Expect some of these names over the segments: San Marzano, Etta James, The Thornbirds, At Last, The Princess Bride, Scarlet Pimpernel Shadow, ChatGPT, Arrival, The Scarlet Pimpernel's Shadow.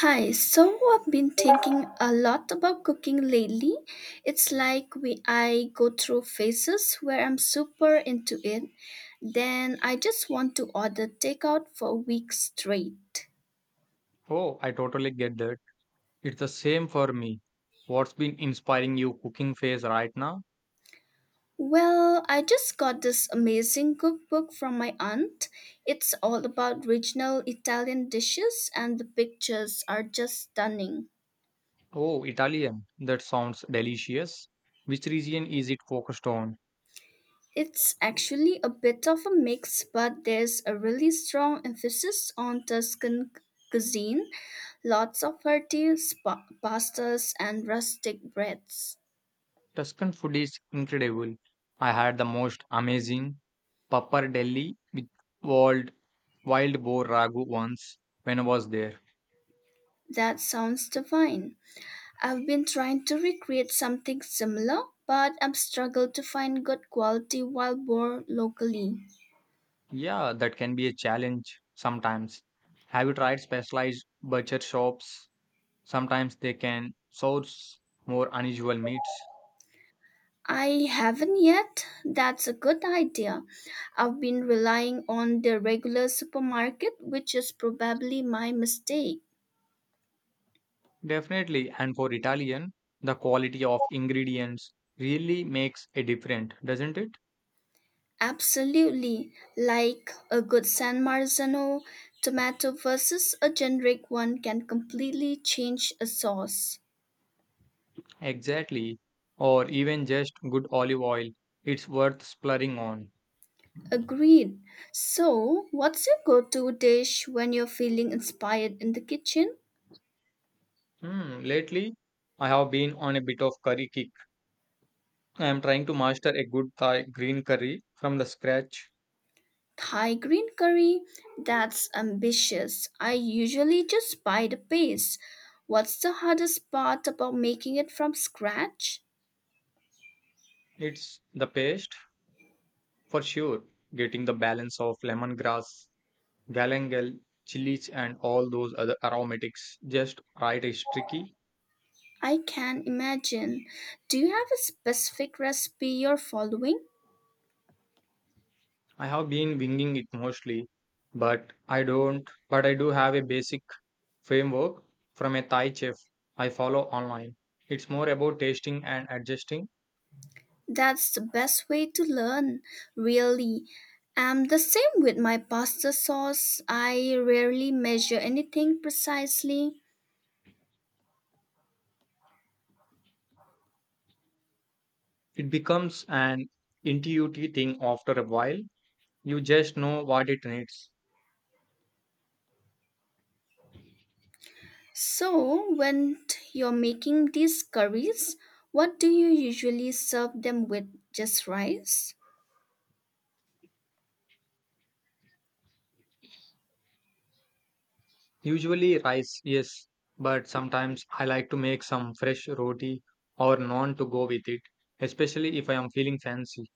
Hi, so I've been thinking a lot about cooking lately. It's like we I go through phases where I'm super into it, then I just want to order takeout for a week straight. Oh, I totally get that. It's the same for me. What's been inspiring you cooking phase right now? Well, I just got this amazing cookbook from my aunt. It's all about regional Italian dishes and the pictures are just stunning. Oh, Italian. That sounds delicious. Which region is it focused on? It's actually a bit of a mix, but there's a really strong emphasis on Tuscan cuisine, lots of hearty pastas and rustic breads. Tuscan food is incredible. I had the most amazing pappardelle with wild wild boar ragu once when I was there. That sounds divine. I've been trying to recreate something similar, but I've struggled to find good quality wild boar locally. Yeah, that can be a challenge sometimes. Have you tried specialized butcher shops? Sometimes they can source more unusual meats. I haven't yet. That's a good idea. I've been relying on the regular supermarket, which is probably my mistake. Definitely, and for Italian, the quality of ingredients really makes a difference, doesn't it? Absolutely, like a good San Marzano tomato versus a generic one can completely change a sauce. Exactly. Or even just good olive oil, it's worth splurging on. Agreed. So, what's your go to dish when you're feeling inspired in the kitchen? Hmm, lately, I have been on a bit of curry kick. I am trying to master a good Thai green curry from the scratch. Thai green curry? That's ambitious. I usually just buy the paste. What's the hardest part about making it from scratch? It's the paste for sure, getting the balance of lemongrass, galangal, chilies, and all those other aromatics just right is tricky. I can imagine. Do you have a specific recipe you're following? I have been winging it mostly, but I don't but I do have a basic framework from a Thai chef I follow online. It's more about tasting and adjusting. That's the best way to learn, really. I'm the same with my pasta sauce. I rarely measure anything precisely. It becomes an intuitive thing after a while. You just know what it needs. So, when you're making these curries, what do you usually serve them with? Just rice? Usually rice, yes, but sometimes I like to make some fresh roti or naan to go with it, especially if I am feeling fancy.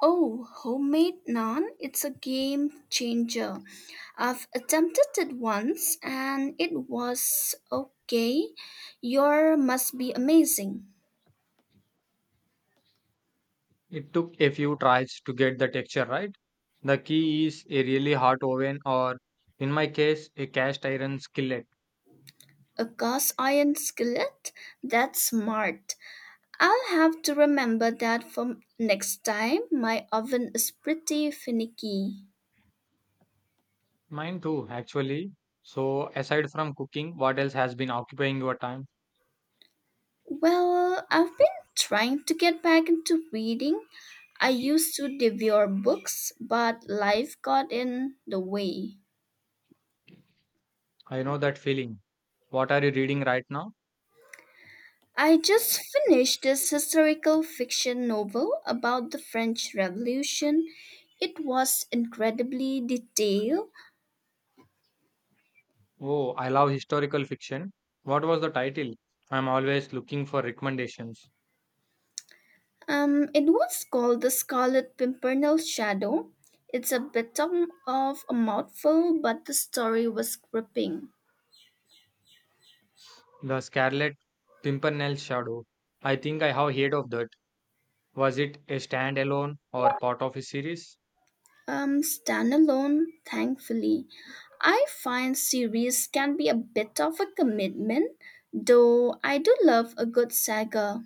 Oh, homemade naan, it's a game changer. I've attempted it once and it was okay. Your must be amazing. It took a few tries to get the texture right. The key is a really hot oven or, in my case, a cast iron skillet. A cast iron skillet? That's smart. I'll have to remember that for next time. My oven is pretty finicky. Mine too, actually. So, aside from cooking, what else has been occupying your time? Well, I've been trying to get back into reading. I used to devour books, but life got in the way. I know that feeling. What are you reading right now? I just finished this historical fiction novel about the French Revolution. It was incredibly detailed. Oh, I love historical fiction. What was the title? I'm always looking for recommendations. It was called the Scarlet Pimpernel Shadow. It's a bit of a mouthful, but the story was gripping. The Scarlet Pimpernel's Shadow. I think I have heard of that. Was it a standalone or part of a series? Standalone, thankfully. I find series can be a bit of a commitment, though I do love a good saga.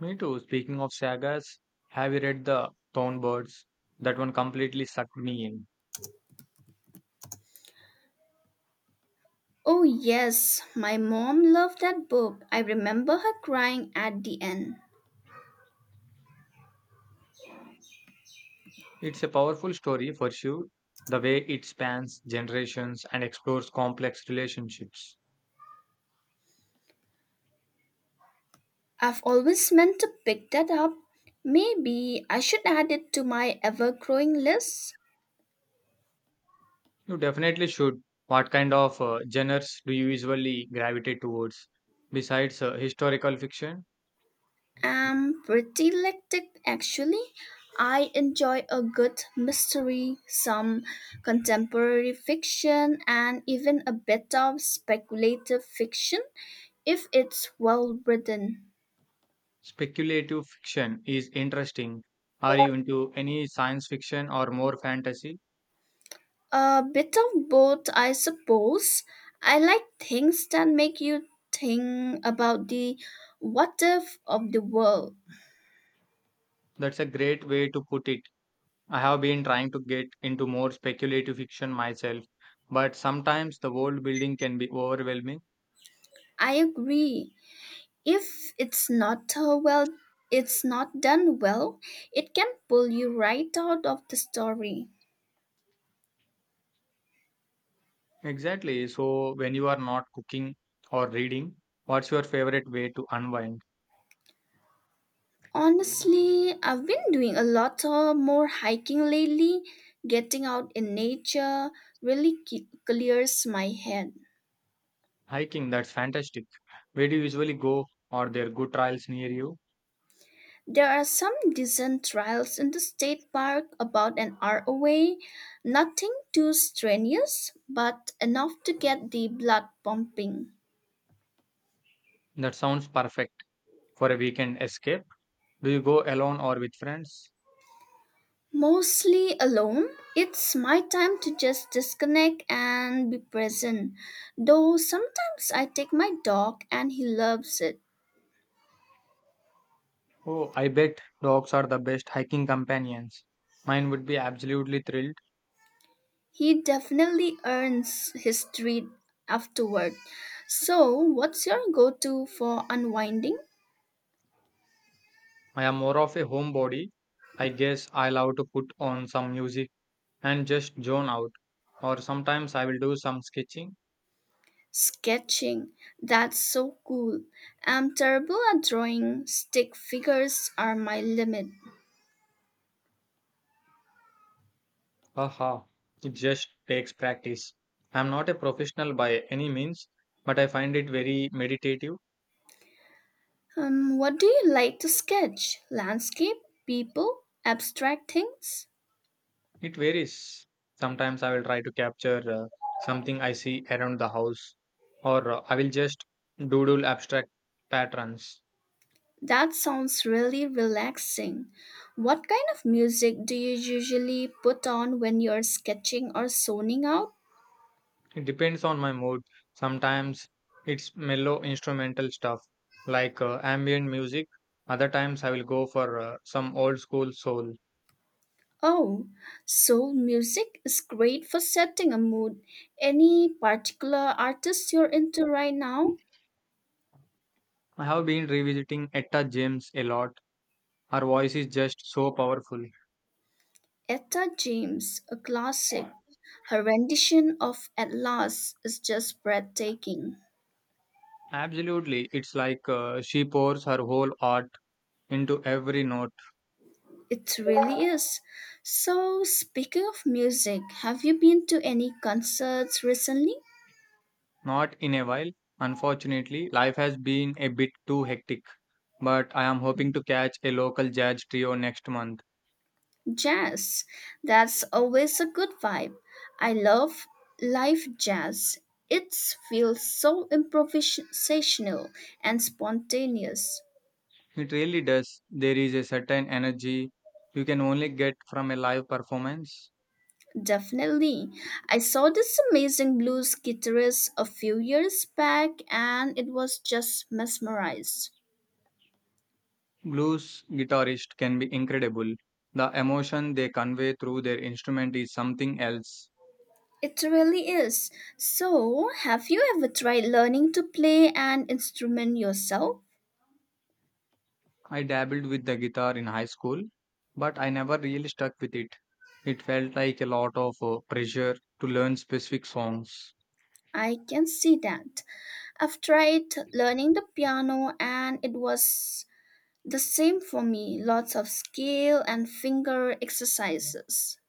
Me too. Speaking of sagas, have you read The Thornbirds? That one completely sucked me in. Oh, yes, my mom loved that book. I remember her crying at the end. It's a powerful story for sure, the way it spans generations and explores complex relationships. I've always meant to pick that up. Maybe I should add it to my ever growing list. You definitely should. What kind of genres do you usually gravitate towards? Besides historical fiction, Am pretty eclectic actually. I enjoy a good mystery, some contemporary fiction, and even a bit of speculative fiction if it's well written. speculative fiction is interesting. Are you into any science fiction or more fantasy? A bit of both, I suppose. I like things that make you think about the what if of the world. That's a great way to put it. I have been trying to get into more speculative fiction myself, but sometimes the world building can be overwhelming. I agree. If it's not well, it's not done well, it can pull you right out of the story. Exactly. So, when you are not cooking or reading, what's your favorite way to unwind? Honestly, I've been doing a lot more hiking lately. Getting out in nature really clears my head. Hiking, that's fantastic. Where do you usually go? Or there good trails near you? There are some decent trails in the state park about an hour away. Nothing too strenuous, but enough to get the blood pumping. That sounds perfect for a weekend escape. Do you go alone or with friends? Mostly alone. It's my time to just disconnect and be present. Though sometimes I take my dog and he loves it. Oh, I bet dogs are the best hiking companions. Mine would be absolutely thrilled. He definitely earns his treat afterward. So, what's your go to for unwinding? I am more of a homebody. I guess I love to put on some music and just zone out. Or sometimes I will do some sketching. Sketching. That's so cool. I'm terrible at drawing, stick figures are my limit. Haha, it just takes practice. I am not a professional by any means, but I find it very meditative. What do you like to sketch? Landscape? People? Abstract things? It varies. Sometimes I will try to capture something I see around the house, or I will just doodle abstract patterns. That sounds really relaxing. What kind of music do you usually put on when you're sketching or zoning out? It depends on my mood. Sometimes it's mellow instrumental stuff like ambient music. Other times I will go for some old school soul. Oh, soul music is great for setting a mood. Any particular artist you're into right now? I have been revisiting Etta James a lot. Her voice is just so powerful. Etta James, a classic. Her rendition of At Last is just breathtaking. Absolutely, it's like she pours her whole art into every note. It really is. So, speaking of music, have you been to any concerts recently? Not in a while. Unfortunately, life has been a bit too hectic. But I am hoping to catch a local jazz trio next month. Jazz. That's always a good vibe. I love live jazz. It feels so improvisational and spontaneous. It really does. There is a certain energy you can only get from a live performance. Definitely. I saw this amazing blues guitarist a few years back and it was just mesmerized. Blues guitarists can be incredible. The emotion they convey through their instrument is something else. It really is. So, have you ever tried learning to play an instrument yourself? I dabbled with the guitar in high school, but I never really stuck with it. It felt like a lot of pressure to learn specific songs. I can see that. I've tried learning the piano and it was the same for me. Lots of scale and finger exercises.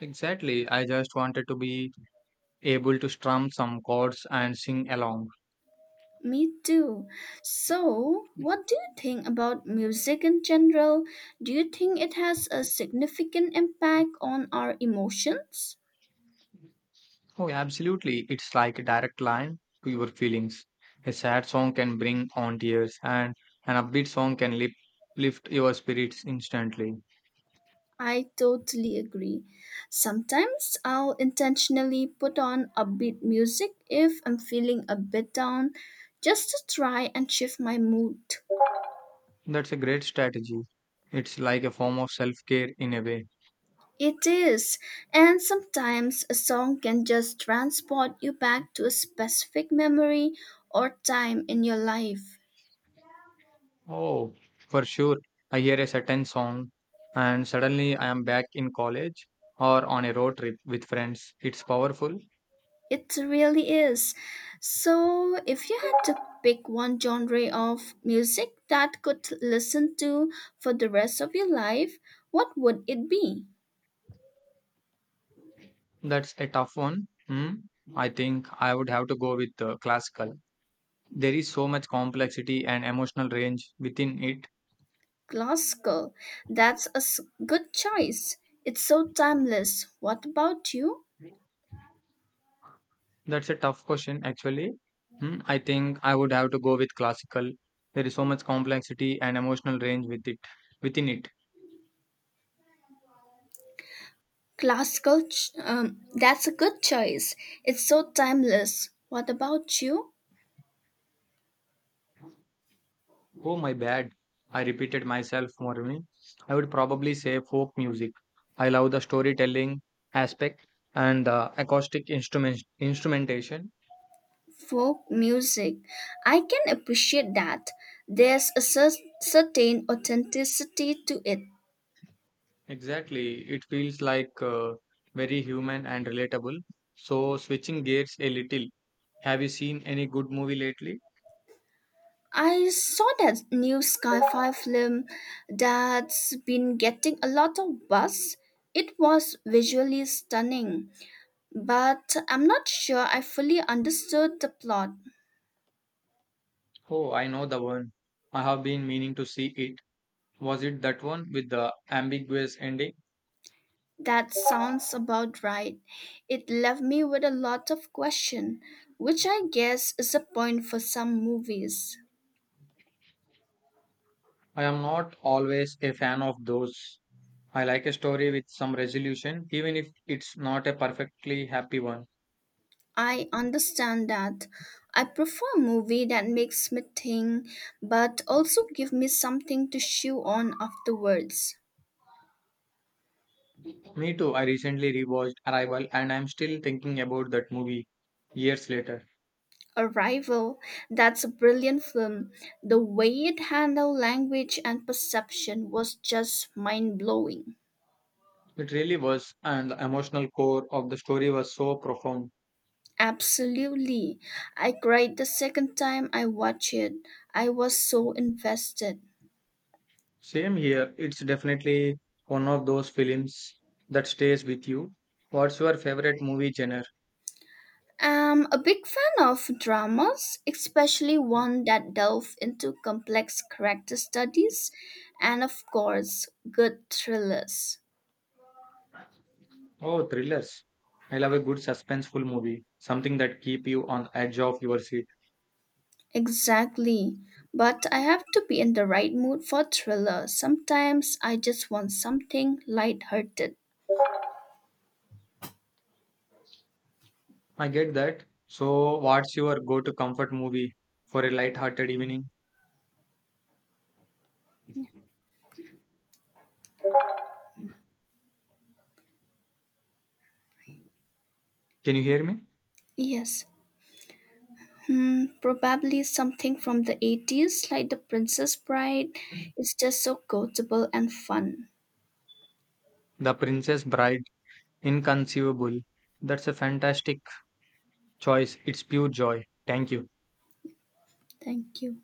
Exactly, I just wanted to be able to strum some chords and sing along. Me too. So, what do you think about music in general? Do you think it has a significant impact on our emotions? Oh, absolutely. It's like a direct line to your feelings. A sad song can bring on tears, and an upbeat song can lift your spirits instantly. I totally agree. Sometimes I'll intentionally put on upbeat music if I'm feeling a bit down just to try and shift my mood. That's a great strategy. It's like a form of self care in a way. It is, and sometimes a song can just transport you back to a specific memory or time in your life. Oh, for sure. I hear a certain song, and suddenly I am back in college or on a road trip with friends. It's powerful. It really is. So, if you had to pick one genre of music that could listen to for the rest of your life, what would it be? That's a tough one. Hmm? I think I would have to go with classical. There is so much complexity and emotional range within it. Classical. That's a good choice. It's so timeless. What about you? That's a tough question, actually. Hmm, I think I would have to go with classical. There is so much complexity and emotional range within it. Classical, that's a good choice. It's so timeless. What about you? Oh my bad! I repeated myself more. I would probably say folk music. I love the storytelling aspect and the acoustic instrumentation. Folk music. I can appreciate that. There's a certain authenticity to it. Exactly, it feels like very human and relatable. So switching gears a little. Have you seen any good movie lately? I saw that new sci fi film that's been getting a lot of buzz. It was visually stunning, but I'm not sure I fully understood the plot. Oh, I know the one. I have been meaning to see it. Was it that one with the ambiguous ending? That sounds about right. It left me with a lot of question, which I guess is a point for some movies. I am not always a fan of those. I like a story with some resolution, even if it's not a perfectly happy one. I understand that. I prefer a movie that makes me think, but also give me something to chew on afterwards. Me too. I recently rewatched Arrival and I'm still thinking about that movie years later. Arrival, that's a brilliant film. The way it handled language and perception was just mind blowing. It really was, and the emotional core of the story was so profound. Absolutely. I cried the second time I watched it. I was so invested. Same here. It's definitely one of those films that stays with you. What's your favorite movie genre? I'm a big fan of dramas, especially one that delve into complex character studies and of course, good thrillers. Oh, thrillers. I love a good suspenseful movie, something that keep you on the edge of your seat. Exactly. But I have to be in the right mood for thriller. Sometimes I just want something lighthearted. I get that. So, what's your go-to comfort movie for a light-hearted evening? Can you hear me? Yes. Probably something from the 80s, like The Princess Bride. It's just so quotable and fun. The Princess Bride, Inconceivable. That's a fantastic choice. It's pure joy. Thank you. Thank you.